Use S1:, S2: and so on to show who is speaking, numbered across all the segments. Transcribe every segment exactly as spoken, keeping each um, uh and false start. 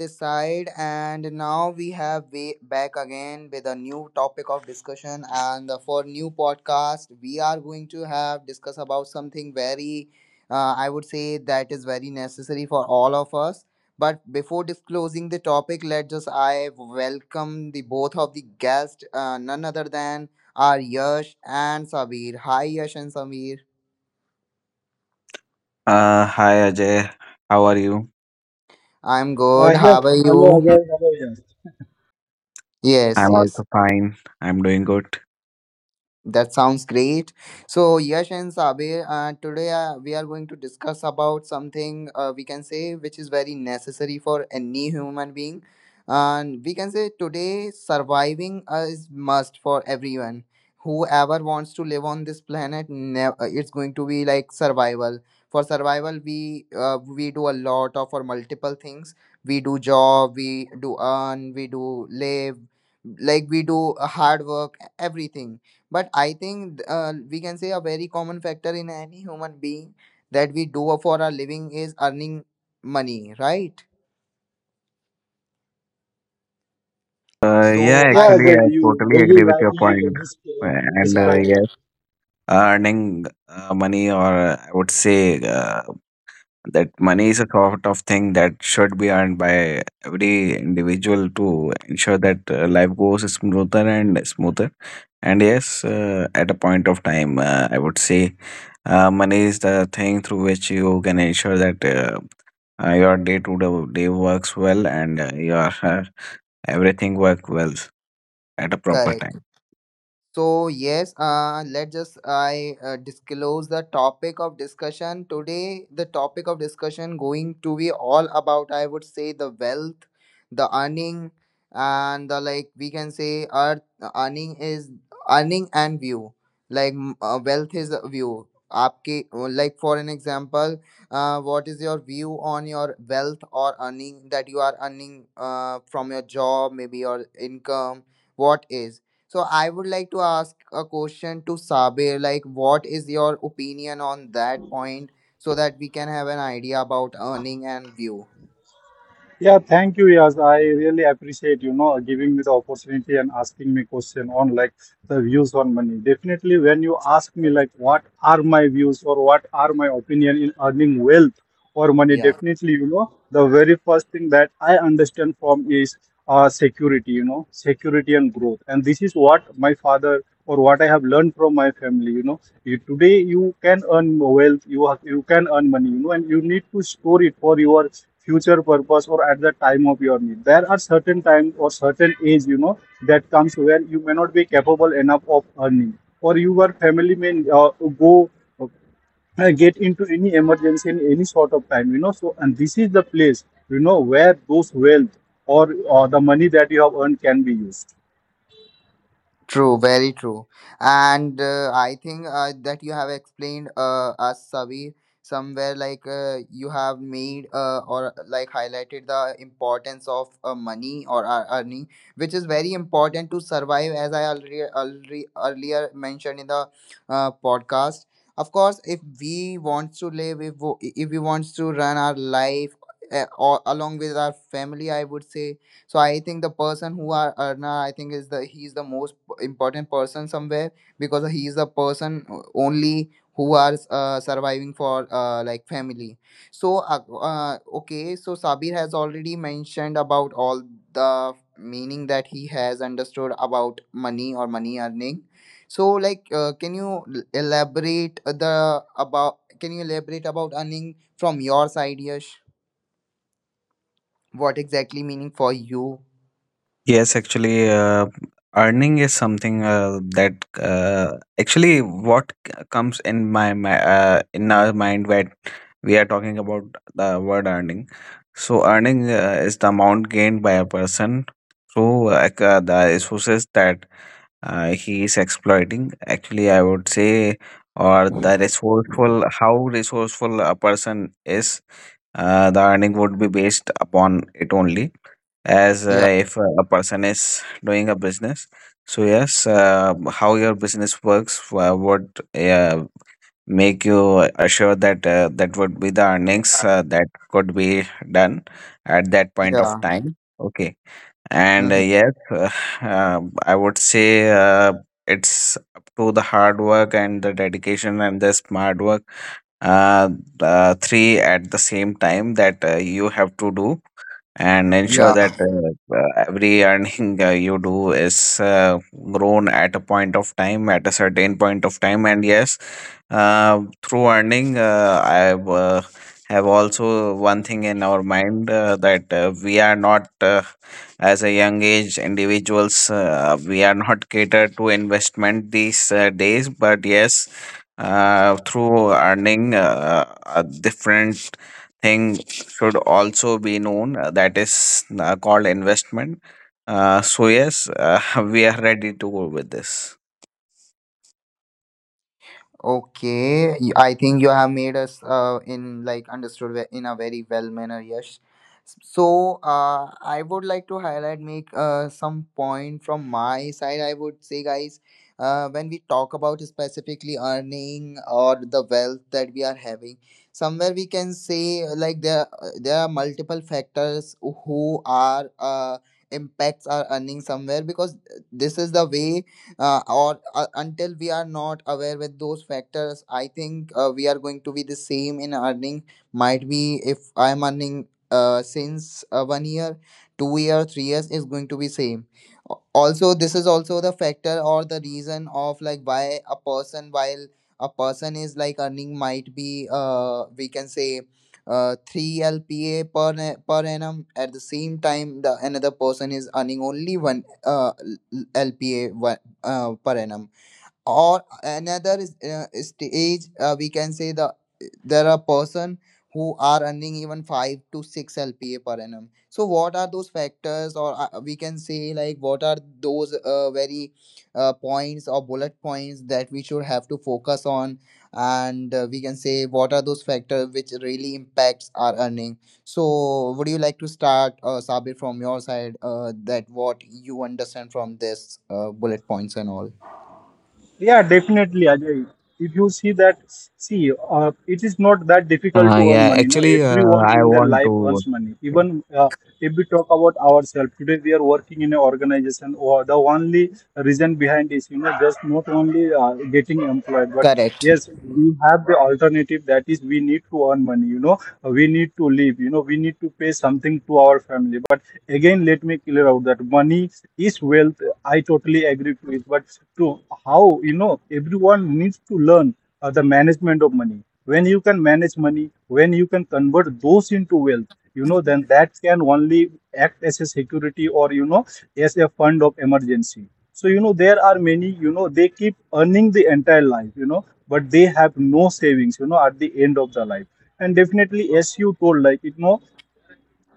S1: this side, and now we have way back again with a new topic of discussion. And for new podcast, we are going to have discuss about something very, uh, I would say, that is very necessary for all of us. But before disclosing the topic, let just I welcome the both of the guests, uh, none other than our Yash and Sabir. Hi Yash and Sabir.
S2: Uh, hi Ajay, how are you?
S1: I'm
S3: Uh,
S1: good.
S3: yes,
S1: How are
S3: Hello
S1: you?
S3: Ajay, hello, yes.
S1: Yes,
S2: I'm
S1: yes.
S2: also fine. I'm doing good.
S1: That sounds great. So, Yash and Sabir, uh, today uh, we are going to discuss about something, uh, we can say, which is very necessary for any human being. And we can say today surviving uh, is must for everyone. Whoever wants to live on this planet, ne- uh, it's going to be like survival. For survival, we uh, we do a lot of or multiple things. We do job, we do earn, we do live, like we do uh, hard work, everything, but I think uh, we can say a very common factor in any human being that we do for a living is earning money, right?
S2: Uh, yeah,
S1: So
S3: Yeah,
S1: I,
S2: actually,
S3: Ajay,
S2: I
S3: you
S2: totally
S3: very
S2: agree with your
S3: rightly
S2: point.
S3: dis-
S2: Uh,
S3: uh,
S2: And uh,
S1: yeah,
S3: described.
S2: yes, earning uh, money, or uh, I would say uh, that money is a sort of thing that should be earned by every individual to ensure that uh, life goes smoother and smoother. And yes, uh, at a point of time, uh, I would say uh, money is the thing through which you can ensure that. Uh, uh, your day to day day works well and uh, your uh, everything work well at a proper
S1: correct.
S2: time.
S1: So yes, uh, let's just I uh, disclose the topic of discussion today. The topic of discussion going to be all about, I would say, the wealth, the earning, and the, like we can say, earth earning is earning and view. Like m- uh, wealth is a view. आपके, uh, like, for an example, uh, what is your view on your wealth or earning that you are earning uh, from your job, maybe your income? What is so I would like to ask a question to Sabir, like what is your opinion on that point, so that we can have an idea about earning and view?
S3: Yeah, thank you, Yas. I really appreciate, you know, giving me the opportunity and asking me question on like the views on money. Definitely, when you ask me like what are my views or what are my opinion in earning wealth or money,
S1: Yeah.
S3: definitely, you know, the very first thing that I understand from is uh, security, you know, security and growth. And this is what my father or what I have learned from my family, you know. You, today you can earn wealth, you have, you can earn money, you know, and you need to store it for your future purpose or at the time of your need. There are certain times or certain age, you know, that comes where you may not be capable enough of earning, or your family may uh, go uh, get into any emergency in any sort of time, you know. So, and this is the place, you know, where those wealth or uh, the money that you have earned can be used.
S1: True, very true. And uh, I think uh, that you have explained uh, us, Savi, somewhere, like uh, you have made uh, or like highlighted the importance of uh, money or uh, earning, which is very important to survive, as I already, already earlier mentioned in the uh, podcast. Of course, if we want to live, if, wo- if we want to run our life uh, or along with our family, I would say, so I think the person who are Arna, I think, is the he's the most important person somewhere, because he is the person only who are uh, surviving for, uh, like, family. So uh, uh, okay, so Sabir has already mentioned about all the meaning that he has understood about money or money earning. So, like, uh, can you l- elaborate the about? Can you elaborate about earning from your side, Yash? What exactly meaning for you?
S2: Yes, actually, uh, earning is something uh, that uh, actually what c- comes in my, my uh, in our mind when we are talking about the word earning. So earning uh, is the amount gained by a person through uh, ac- uh, the resources that uh, he is exploiting. Actually, I would say, or the resourceful, how resourceful a person is, uh, the earning would be based upon it only. As uh,
S1: Yeah.
S2: if a person is doing a business, so yes, uh, how your business works uh, would uh, make you assure that uh, that would be the earnings uh, that could be done at that point of
S1: Yeah.
S2: time. Okay, and uh,
S1: Mm-hmm.
S2: yes, uh, um, I would say uh, it's up to the hard work and the dedication and the smart work, uh, the three at the same time that uh, you have to do and ensure
S1: Yeah.
S2: that uh, uh, every earning uh, you do is uh, grown at a point of time, at a certain point of time. And yes, uh, through earning, uh, I uh, have also one thing in our mind uh, that uh, we are not, uh, as a young age individuals, uh, we are not catered to investment these uh, days. But yes, uh, through earning, uh, a different thing should also be known uh, that is uh, called investment. Uh, so yes, uh, we are ready to go with this.
S1: Okay. Y- I think you have made us uh, in, like, understood ve- in a very well manner. Yes. So uh, I would like to highlight make uh, some point from my side. I would say, guys, uh, when we talk about specifically earning or the wealth that we are having, somewhere we can say, uh, like, there uh, there are multiple factors who are uh, impacts our earning somewhere, because this is the way, uh, or uh, until we are not aware with those factors, I think uh, we are going to be the same in earning. Might be if I am earning uh, since uh, one year two year three years is going to be same. Al- also, this is also the factor or the reason of, like, why a person, while a person is, like, earning, might be uh we can say uh three lpa per na- per annum, at the same time the another person is earning only one uh l- l- lpa uh, per annum, or another is- uh, stage, uh, we can say the, there are person who are earning even five to six lpa per annum. So what are those factors? Or uh, we can say, like, what are those uh, very, uh, points or bullet points that we should have to focus on? And uh, we can say what are those factors which really impacts our earning? So would you like to start, uh, Sabir, from your side, uh, that what you understand from this, uh, bullet points and all?
S3: Yeah, definitely, Ajay. If you see that, see, uh, it is not that difficult
S2: Uh,
S3: to earn
S2: yeah,
S3: money. No,
S2: actually, uh,
S3: everyone
S2: I
S3: in their
S2: want
S3: life
S2: to
S3: earns money. Even uh, if we talk about ourselves today, we are working in an organization. Or the only reason behind is, you know, just not only uh, getting employed, but
S1: Correct.
S3: yes, we have the alternative that is we need to earn money. You know, we need to live. You know, we need to pay something to our family. But again, let me clear out that money money is wealth. I totally agree to it. But to how, you know, everyone needs to learn uh, the management of money. When you can manage money, when you can convert those into wealth, you know, then that can only act as a security or, you know, as a fund of emergency. So, you know, there are many, you know, they keep earning the entire life, you know, but they have no savings, you know, at the end of the life. And definitely, as you told, like, you know,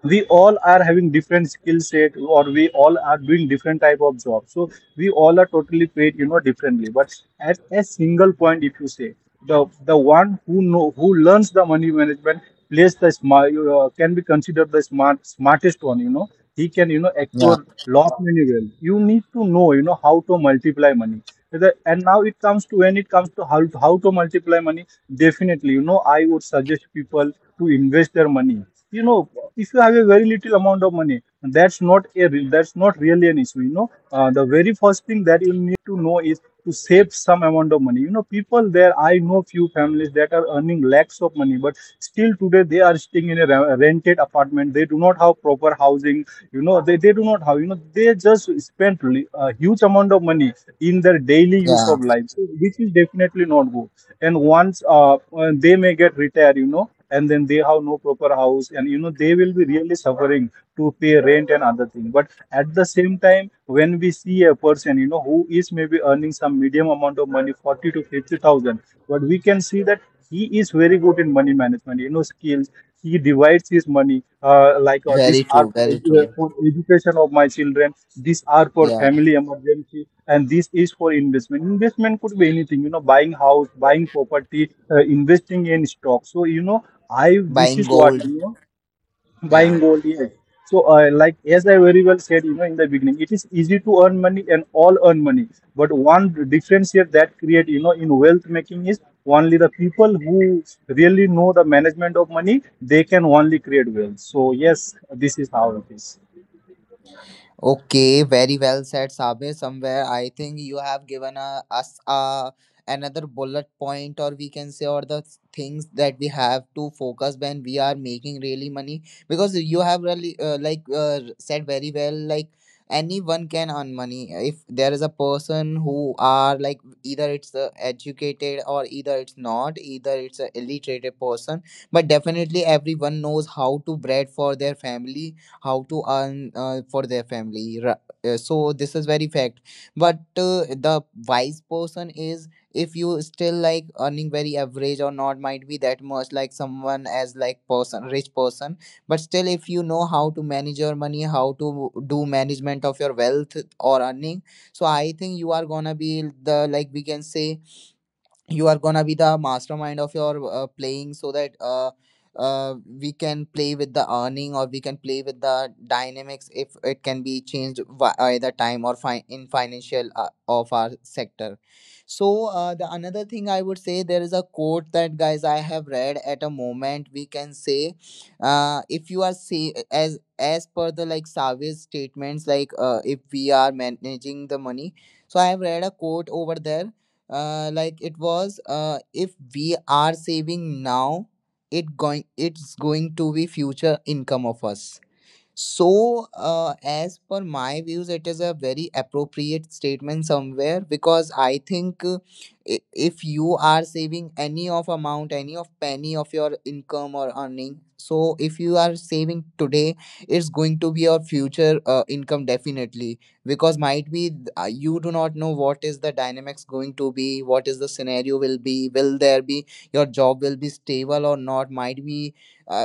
S3: we all are having different skill set or we all are doing different type of jobs. So we all are totally paid, you know, differently, but at a single point, if you say, the the one who know who learns the money management plays the smart, uh, can be considered the smart smartest one, you know. He can, you know,
S1: Yeah,
S3: acquire lot many. Well, you need to know, you know, how to multiply money. Whether- and now it comes to when it comes to how, how to multiply money, definitely, you know, I would suggest people to invest their money, you know. If you have a very little amount of money, that's not a re- that's not really an issue, you know. Uh, the very first thing that you need to know is to save some amount of money, you know. People, there, I know few families that are earning lakhs of money, but still today they are staying in a re- rented apartment. They do not have proper housing, you know. They, they do not have, you know, they just spend li- a huge amount of money in their daily use
S1: yeah,
S3: of life, so which is definitely not good. And once uh, uh, they may get retired, you know, and then they have no proper house, and you know, they will be really suffering to pay rent and other thing. But at the same time, when we see a person, you know, who is maybe earning some medium amount of money, forty to fifty thousand, but we can see that he is very good in money management, you know, skills. He divides his money uh, like, uh,
S1: very
S3: these are
S1: true,
S3: for,
S1: very
S3: uh,
S1: true.
S3: for education of my children, these are for
S1: Yeah,
S3: family emergency, and this is for investment. Investment could be anything, you know, buying house, buying property, uh, investing in stock. So, you know, I, this
S1: buying
S3: is what
S1: gold.
S3: you know. Buying
S1: Yeah.
S3: gold, yes. So, uh, like as I very well said, you know, in the beginning, it is easy to earn money and all earn money. But one difference here that create, you know, in wealth making is only the people who really know the management of money, they can only create wealth. So, yes, this is how it is.
S1: Okay, very well said, Sabe. Somewhere I think you have given a, us a, another bullet point, or we can say, or the things that we have to focus when we are making really money. Because you have really uh, like, uh, said very well, like anyone can earn money if there is a person who are, like, either it's uh, educated or either it's not, either it's a illiterate person, but definitely everyone knows how to bread for their family, how to earn uh, for their family, ra- uh, so this is very fact. But uh, the wise person is, if you still, like, earning very average or not, might be that much, like someone as like person rich person, but still if you know how to manage your money, how to do management of your wealth or earning, so I think you are gonna be the, like we can say, you are gonna be the mastermind of your uh, playing, so that uh, uh, we can play with the earning, or we can play with the dynamics, if it can be changed, vi- either time or fi- in financial, uh, of our sector. So uh, the another thing I would say, there is a quote that, guys, I have read at a moment, we can say, uh, if you are say, as as per the, like, Savi's statements, like uh, if we are managing the money. So I have read a quote over there, uh, like it was, uh, if we are saving now, it going it's going to be future income of us. So, uh, as per my views, it is a very appropriate statement somewhere, because I think uh, i- if you are saving any of amount, any of penny of your income or earning, so if you are saving today, it's going to be your future uh, income, definitely. Because might be, th- uh, you do not know what is the dynamics going to be, what is the scenario will be, will there be your job will be stable or not, might be. Uh,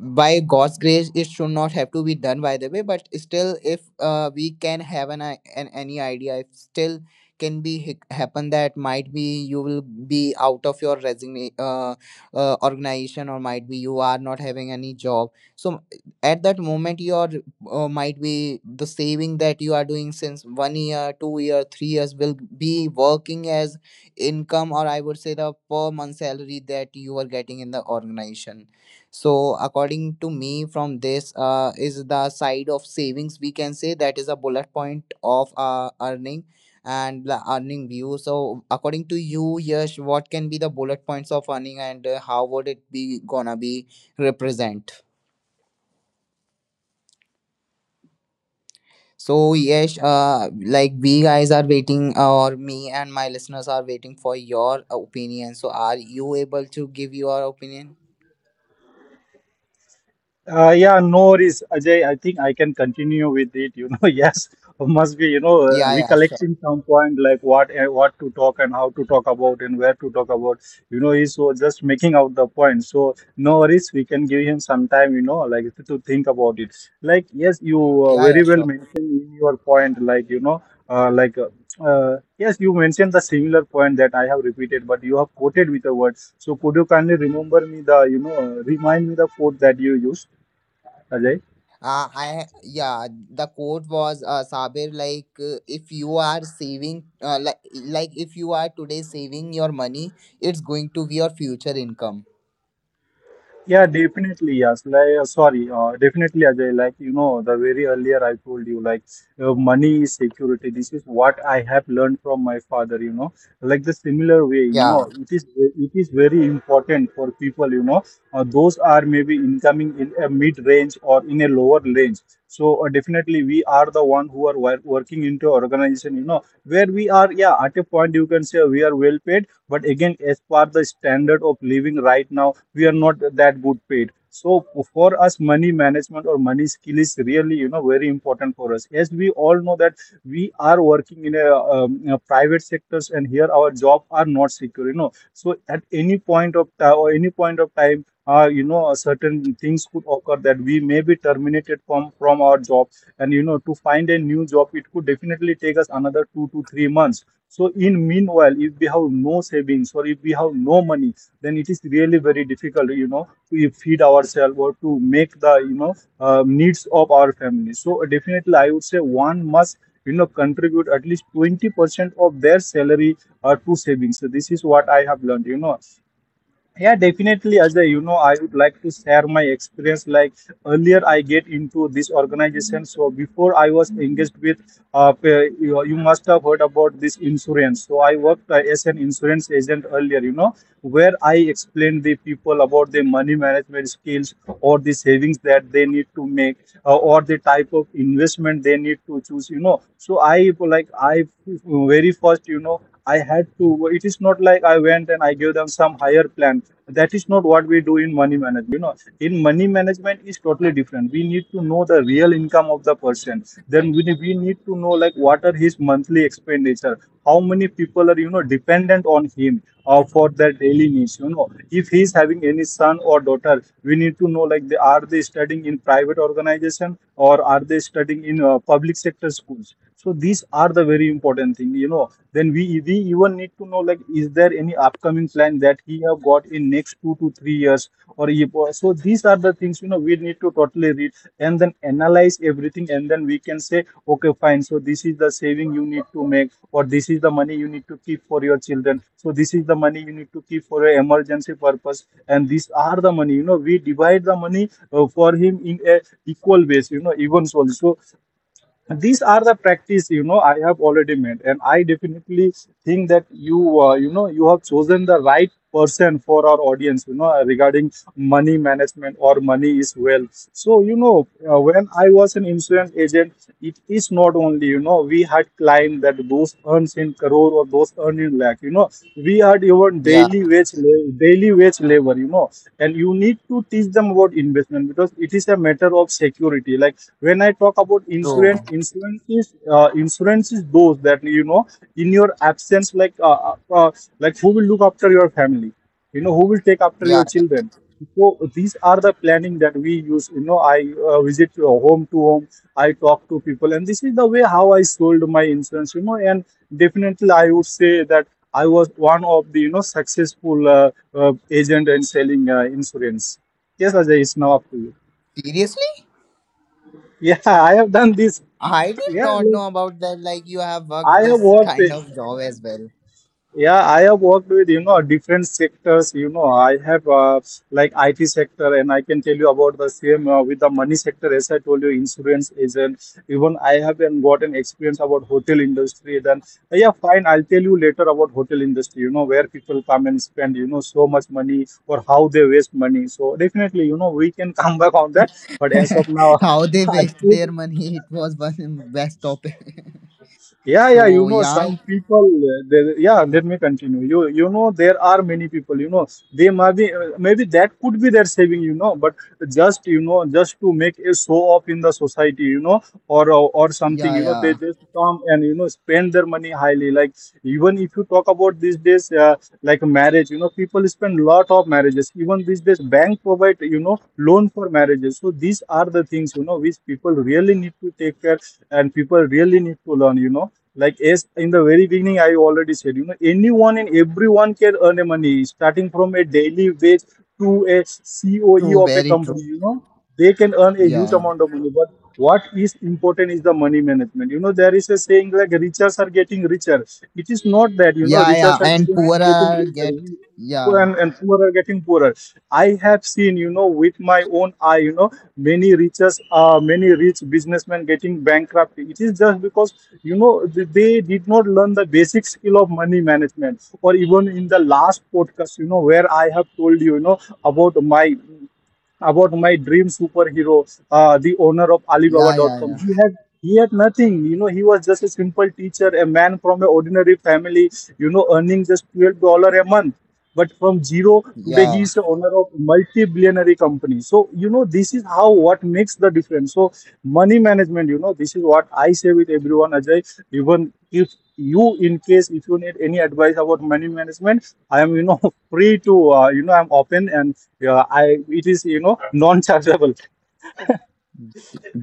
S1: by God's grace, it should not have to be done. By the way, but still, if uh, we can have an, i- an any idea, if still can be hic- happen that might be you will be out of your resigna- uh, uh, organization, or might be you are not having any job, so at that moment your uh, might be the saving that you are doing since one year two year three years will be working as income, or I would say the per month salary that you are getting in the organization. So, according to me, from this, uh, is the side of savings, we can say, that is a bullet point of uh, earning and the earning view. So, according to you, Yash, what can be the bullet points of earning, and uh, how would it be gonna be represent? So, Yash, uh, like, we guys are waiting, uh, or me and my listeners are waiting for your opinion. So, are you able to give your opinion?
S3: Uh, yeah, no worries, Ajay. I think I can continue with it. You know, yes, must be, you know, uh,
S1: Yeah, yeah, sure.
S3: recollecting some point like what uh, what to talk and how to talk about and where to talk about. You know, he's so just making out the point. So no worries, we can give him some time. You know, like to to think about it. Like, yes, you uh,
S1: Yeah,
S3: very
S1: yeah,
S3: well
S1: sure.
S3: mentioned in your point. Like, you know, uh, like. Uh, uh, yes, you mentioned the similar point that I have repeated, but you have quoted with the words. So could you kindly remember me the, you know, uh, remind me the quote that you used, Ajay?
S1: Uh, I Yeah, the quote was, uh, Sabir, like uh, if you are saving, uh, like, like if you are today saving your money, it's going to be your future income.
S3: Yeah, definitely. Yes. Like, uh, sorry. Uh, definitely, Ajay. Like, you know, the very earlier I told you, like, uh, money is security. This is what I have learned from my father, you know. Like the similar way, you
S1: Yeah,
S3: know, it is it is very important for people, you know. Uh, those are maybe incoming in a mid range or in a lower range. So uh, definitely, we are the one who are wor- working into organization, you know, where we are. Yeah, at a point you can say we are well paid, but again, as per the standard of living right now, we are not that good paid. So for us, money management or money skill is really, you know, very important for us. As we all know that we are working in a, um, in a private sectors, and here our job are not secure. You know, so at any point of time or any point of time, uh, you know, certain things could occur that we may be terminated from from our job, and you know, to find a new job, it could definitely take us another two to three months. So in meanwhile, if we have no savings or if we have no money, then it is really very difficult, you know, to feed ourselves or to make the, you know, uh, needs of our family. So definitely, I would say one must, you know, contribute at least twenty percent of their salary uh, to savings. So this is what I have learned, you know. Yeah, definitely, Ajay. You know, I would like to share my experience. Like earlier, I get into this organization. So before I was engaged with, uh, pa- you, you must have heard about this insurance. So I worked uh, as an insurance agent earlier. You know, where I explained the people about the money management skills or the savings that they need to make uh, or the type of investment they need to choose. You know, so I like I very first, you know. I had to. It is not like I went and I gave them some higher plan. That is not what we do in money management. You know, in money management is totally different. We need to know the real income of the person. Then we we need to know like what are his monthly expenditure. How many people are, you know, dependent on him uh, for their daily needs. You know, if he is having any son or daughter, we need to know like they are, they studying in private organization or are they studying in uh, public sector schools. So these are the very important thing, you know. Then we we even need to know like, is there any upcoming plan that he have got in next two to three years or if, so these are the things you know We need to totally read and then analyze everything, and then we can say, okay, fine, so this is the saving you need to make, or this is the money you need to keep for your children, so this is the money you need to keep for your emergency purpose. And these are the money, you know, we divide the money uh, for him in a equal base, you know. Even so So these are the practice, you know, I have already made. And I definitely think that you uh, you know you have chosen the right person for our audience, you know, uh, regarding money management, or money is wealth. So, you know, uh, when I was an insurance agent, it is not only, you know, we had clients that those earns in crore or those earning lakh, you know. We are even
S1: yeah,
S3: daily wage la- daily wage labor, you know, and you need to teach them about investment, because it is a matter of security. Like, when I talk about
S1: true.
S3: insurance, insurance is uh, insurance is those that, you know, in your absence, like, uh, uh, uh, like, who will look after your family, you know, who will take after
S1: Yeah,
S3: your children. So these are the planning that we use, you know. I uh, visit uh, home to home. I talk to people, and this is the way how I sold my insurance, you know. And definitely I would say that I was one of the, you know, successful uh, uh, agent in selling uh, insurance. Yes, Ajay, it's now up to you.
S1: seriously,
S3: Yeah, I have done this.
S1: I did
S3: yeah
S1: not know about that. Like you have worked
S3: i have
S1: this
S3: worked
S1: kind of job as well.
S3: Yeah, I have worked with, you know, different sectors. You know, I have, uh, like, I T sector, and I can tell you about the same uh, with the money sector. As I told you, insurance agent. Even I have an, got an experience about hotel industry. Then uh, yeah, fine. I'll tell you later about hotel industry, you know, where people come and spend, you know, so much money, or how they waste money. So definitely, you know, we can come back on that. But as of now,
S1: How they
S3: I
S1: waste
S3: think.
S1: their money, it was one best topic.
S3: Yeah, yeah, you
S1: So
S3: know,
S1: yeah,
S3: some people, uh, there, yeah, let me continue. You, you know, there are many people, you know. They might be, uh, maybe that could be their saving, you know, but just, you know, just to make a show off in the society, you know, or, or, or something,
S1: yeah,
S3: you know, they
S1: yeah,
S3: just come and, you know, spend their money highly. Like, even if you talk about these days, uh, like marriage, you know, people spend lot of marriages. Even these days, bank provide, you know, loan for marriages. So these are the things, you know, which people really need to take care, and people really need to learn, you know. Like, as in the very beginning, I already said, you know, anyone and everyone can earn a money, starting from a daily wage to a C O E
S1: true,
S3: of a
S1: very true.
S3: company, you know. They can earn a huge
S1: Yeah,
S3: amount of money, but what is important is the money management, you know. There is a saying like, richers are getting richer. It is not that, you know,
S1: yeah, yeah,
S3: richers are
S1: and
S3: getting getting
S1: poorer
S3: richer,
S1: get,
S3: poor
S1: yeah,
S3: and, and poorer getting poorer. I have seen, you know, with my own eye, you know, many riches, uh, many rich businessmen getting bankrupt. It is just because, you know, th- they did not learn the basic skill of money management. Or even in the last podcast, you know, where I have told you, you know, about my about my dream superhero, uh, the owner of
S1: yeah, yeah,
S3: Alibaba dot com. He
S1: yeah,
S3: had he had nothing, you know. He was just a simple teacher, a man from an ordinary family, you know, earning just twelve dollar a month. But from zero today,
S1: yeah.
S3: he is the owner of multi-billionary company. So, you know, this is how, what makes the difference. So money management, you know, this is what I say with everyone, Ajay. Even if you, in case if you need any advice about money management, I am, you know, free to, uh, you know, I'm open, and uh, I it is, you know, non chargeable.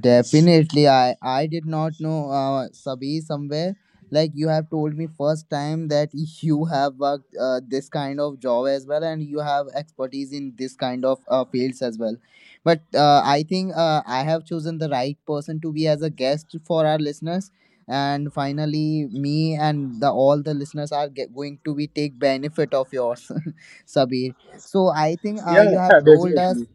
S1: Definitely, I I did not know, uh, Sabi, somewhere. Like you have told me first time that you have worked, uh, this kind of job as well, and you have expertise in this kind of uh, fields as well. But uh, I think uh, I have chosen the right person to be as a guest for our listeners. And finally, me and the all the listeners are ge- going to be take benefit of yours, Sabir. So I think, uh,
S3: Yeah,
S1: you have
S3: yeah,
S1: told us.
S3: definitely.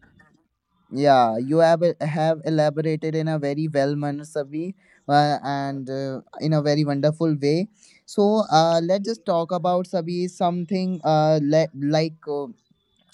S1: Yeah, you have uh, have elaborated in a very well manner, Savi, uh, and uh, in a very wonderful way. So, uh, let's just talk about, Savi, something, uh, le- like, uh,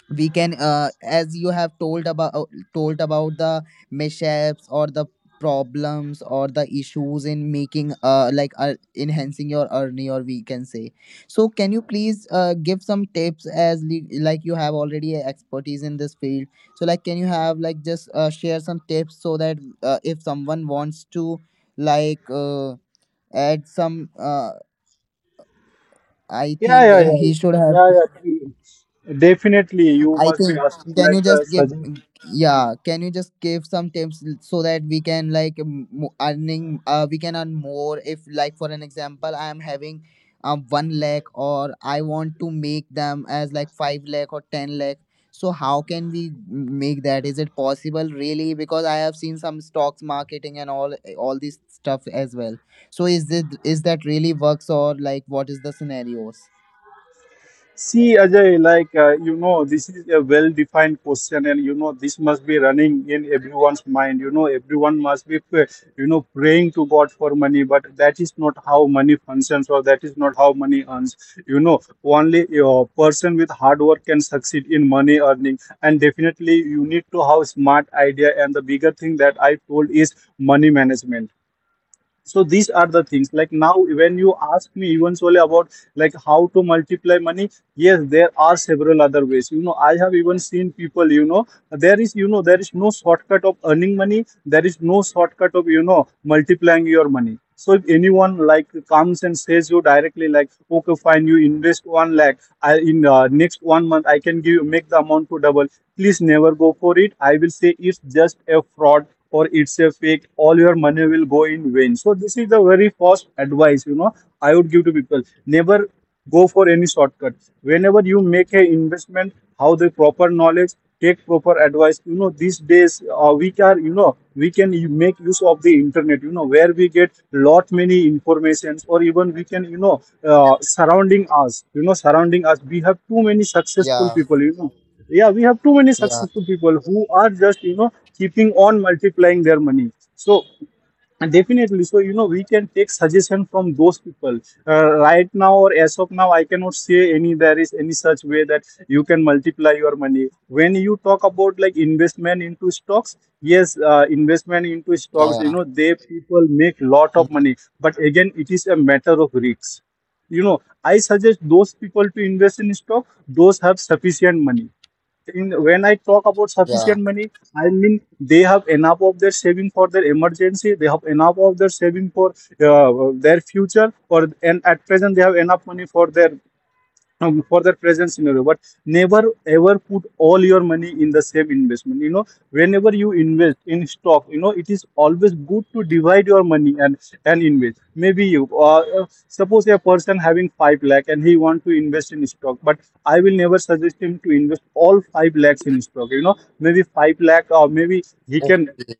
S1: we can, uh, as you have told about, uh, told about the mishaps or the problems or the issues in making, uh like, uh, enhancing your earning, or we can say, so can you please, uh, give some tips, as li- like you have already a expertise in this field, so like can you have, like, just uh, share some tips, so that uh, if someone wants to, like, uh, add some, uh, I
S3: Yeah,
S1: think, uh,
S3: yeah, yeah,
S1: he should have,
S3: yeah, yeah, definitely. You
S1: I
S3: must be
S1: think,
S3: asking
S1: can
S3: like
S1: you
S3: the
S1: just give,
S3: suggestion.
S1: yeah, can you just give some tips, l- so that we can, like, m- mo- earning, uh we can earn more, if, like, for an example, I am having um one lakh, or I want to make them as, like, five lakh or ten lakh. So how can we m- make that? Is it possible, really? Because I have seen some stocks marketing and all all this stuff as well. So is this, is that really works, or like, what is the scenarios?
S3: See, Ajay, like, uh, you know, this is a well-defined question, and, you know, this must be running in everyone's mind. You know, everyone must be pray- you know, praying to God for money, but that is not how money functions, or that is not how money earns. You know, only a person with hard work can succeed in money earning, and definitely, you need to have smart idea. And the bigger thing that I told is money management. So these are the things like, now when you ask me eventually about like how to multiply money, yes, there are several other ways. You know, I have even seen people, you know, there is, you know, there is no shortcut of earning money. There is no shortcut of, you know, multiplying your money. So if anyone like comes and says you directly, like, okay, fine, you invest one lakh, I in uh, next one month I can give you make the amount to double. Please never go for it. I will say it's just a fraud, or it's a fake. All your money will go in vain. So this is the very first advice, you know, I would give to people. Never go for any shortcut. Whenever you make an investment, have the proper knowledge, take proper advice, you know. These days uh, we can, you know, we can make use of the internet, you know, where we get lot many informations, or even we can, you know, uh, surrounding us, you know, surrounding us we have too many successful
S1: Yeah,
S3: people, you know. Yeah, we have too many
S1: yeah,
S3: successful people who are just, you know, keeping on multiplying their money. So definitely, so, you know, we can take suggestion from those people. Uh, right now, or as of now, I cannot say any, there is any such way that you can multiply your money. When you talk about like investment into stocks, yes, uh, investment into stocks, you
S1: yeah,
S3: know, they people make lot
S1: yeah.
S3: of money. But again, it is a matter of risks, you know. I suggest those people to invest in stock those have sufficient money in, when I talk about sufficient money, I mean they have enough of their saving for their emergency. They have enough of their saving for uh, their future, or, and at present they have enough money for their, um, for that present scenario. But never ever put all your money in the same investment, you know. Whenever you invest in stock, you know, it is always good to divide your money and and invest. Maybe you uh, uh, suppose a person having five lakh, and he want to invest in stock, but I will never suggest him to invest all five lakhs in stock, you know. Maybe five lakh, or maybe he
S1: Mhm.
S3: can
S1: Yeah.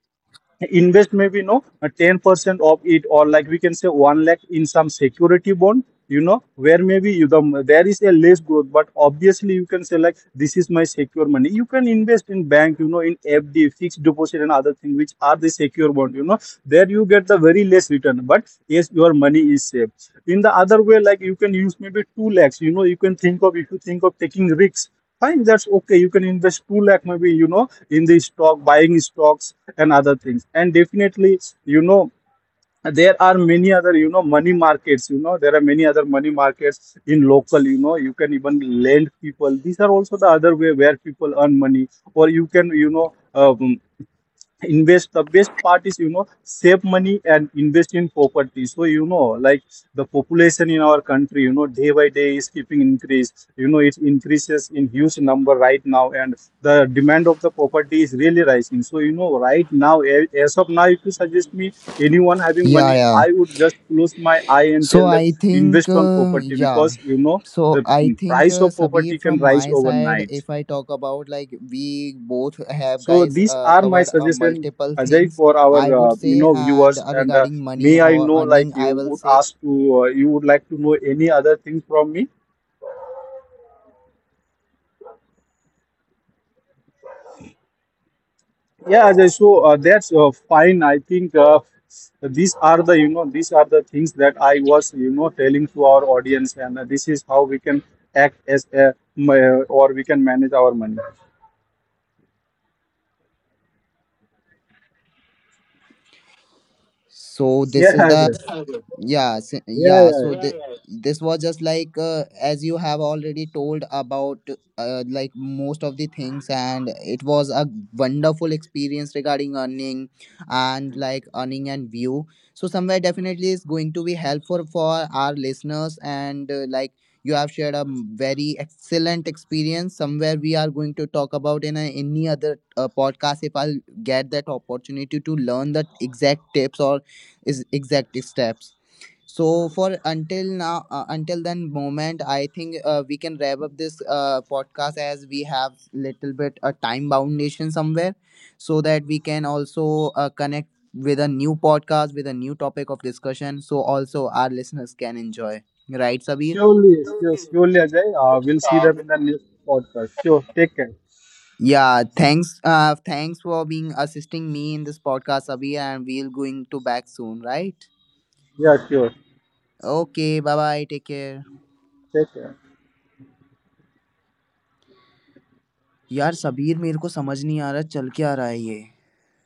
S3: invest maybe no uh, ten percent of it, or like, we can say one lakh in some security bond, you know, where maybe you, the there is a less growth, but obviously you can say like, this is my secure money. You can invest in bank, you know, in F D, fixed deposit, and other thing which are the secure bond, you know. There you get the very less return, but yes, your money is safe. In the other way, like, you can use maybe two lakhs, you know. You can think of, if you think of taking risks, fine, that's okay. You can invest two lakh maybe, you know, in the stock, buying stocks and other things. And definitely, you know, there are many other, you know, money markets, you know. There are many other money markets in local, you know. You can even lend people. These are also the other way where people earn money. Or you can, you know, um invest, the best part is, you know, save money and invest in property. So, you know, like, the population in our country, you know, day by day is keeping increase, you know. It increases in huge number right now, and the demand of the property is really rising. So, you know, right now, a- as of now, if you suggest me anyone having
S1: Yeah,
S3: money,
S1: yeah.
S3: I would just close my eye and
S1: So
S3: tell them,
S1: I think,
S3: invest on
S1: uh,
S3: property,
S1: yeah.
S3: because, you know,
S1: So
S3: the
S1: I think,
S3: price
S1: uh,
S3: of
S1: Sabir,
S3: property can
S1: from
S3: rise
S1: my side,
S3: overnight.
S1: if I talk about, like, we both have
S3: So
S1: guys
S3: these
S1: uh,
S3: are my
S1: covered uh,
S3: suggestion,
S1: multiple
S3: Ajay,
S1: things,
S3: for our,
S1: I would
S3: uh, you
S1: say,
S3: know,
S1: and
S3: viewers.
S1: uh,
S3: And uh,
S1: regarding money
S3: may I
S1: or
S3: know, like,
S1: earning,
S3: you
S1: I will
S3: would
S1: say.
S3: ask to, uh, you would like to know any other thing from me? Yeah, Ajay. So, uh, that's uh, fine. I think uh, these are the, you know, these are the things that I was, you know, telling to our audience, and uh, this is how we can act as a ma- or we can manage our money.
S4: So this
S3: Yeah,
S4: is the
S3: Ajay.
S4: yeah s-
S3: Yeah,
S4: yeah.
S3: yeah,
S4: So Yeah, thi-
S3: yeah.
S4: yeah. this was just like uh, as you have already told about uh, like most of the things, and it was a wonderful experience regarding earning and like earning and view. So somewhere definitely is going to be helpful for our listeners and uh, like. You have shared a m- very excellent experience. Somewhere we are going to talk about in a, any other uh, podcast if I'll get that opportunity to learn the exact tips or is exact steps. So for until now uh, until then moment I think uh, we can wrap up this uh, podcast as we have little bit a time boundation somewhere, so that we can also uh, connect with a new podcast with a new topic of discussion, so also our listeners can enjoy. Right, Sabir?
S3: Surely, sure, surely, Ajay. Uh, we'll see them in the next podcast. Sure. Take care.
S4: Yeah, thanks, uh, thanks for being assisting me in this podcast, Sabir, and we'll going to back soon. Right,
S3: Yeah, sure.
S4: okay, bye bye. Take care.
S3: 谢谢。
S4: यार, शबीर मेरे को समझ नहीं आ रहा चल क्या आ रहा है ये?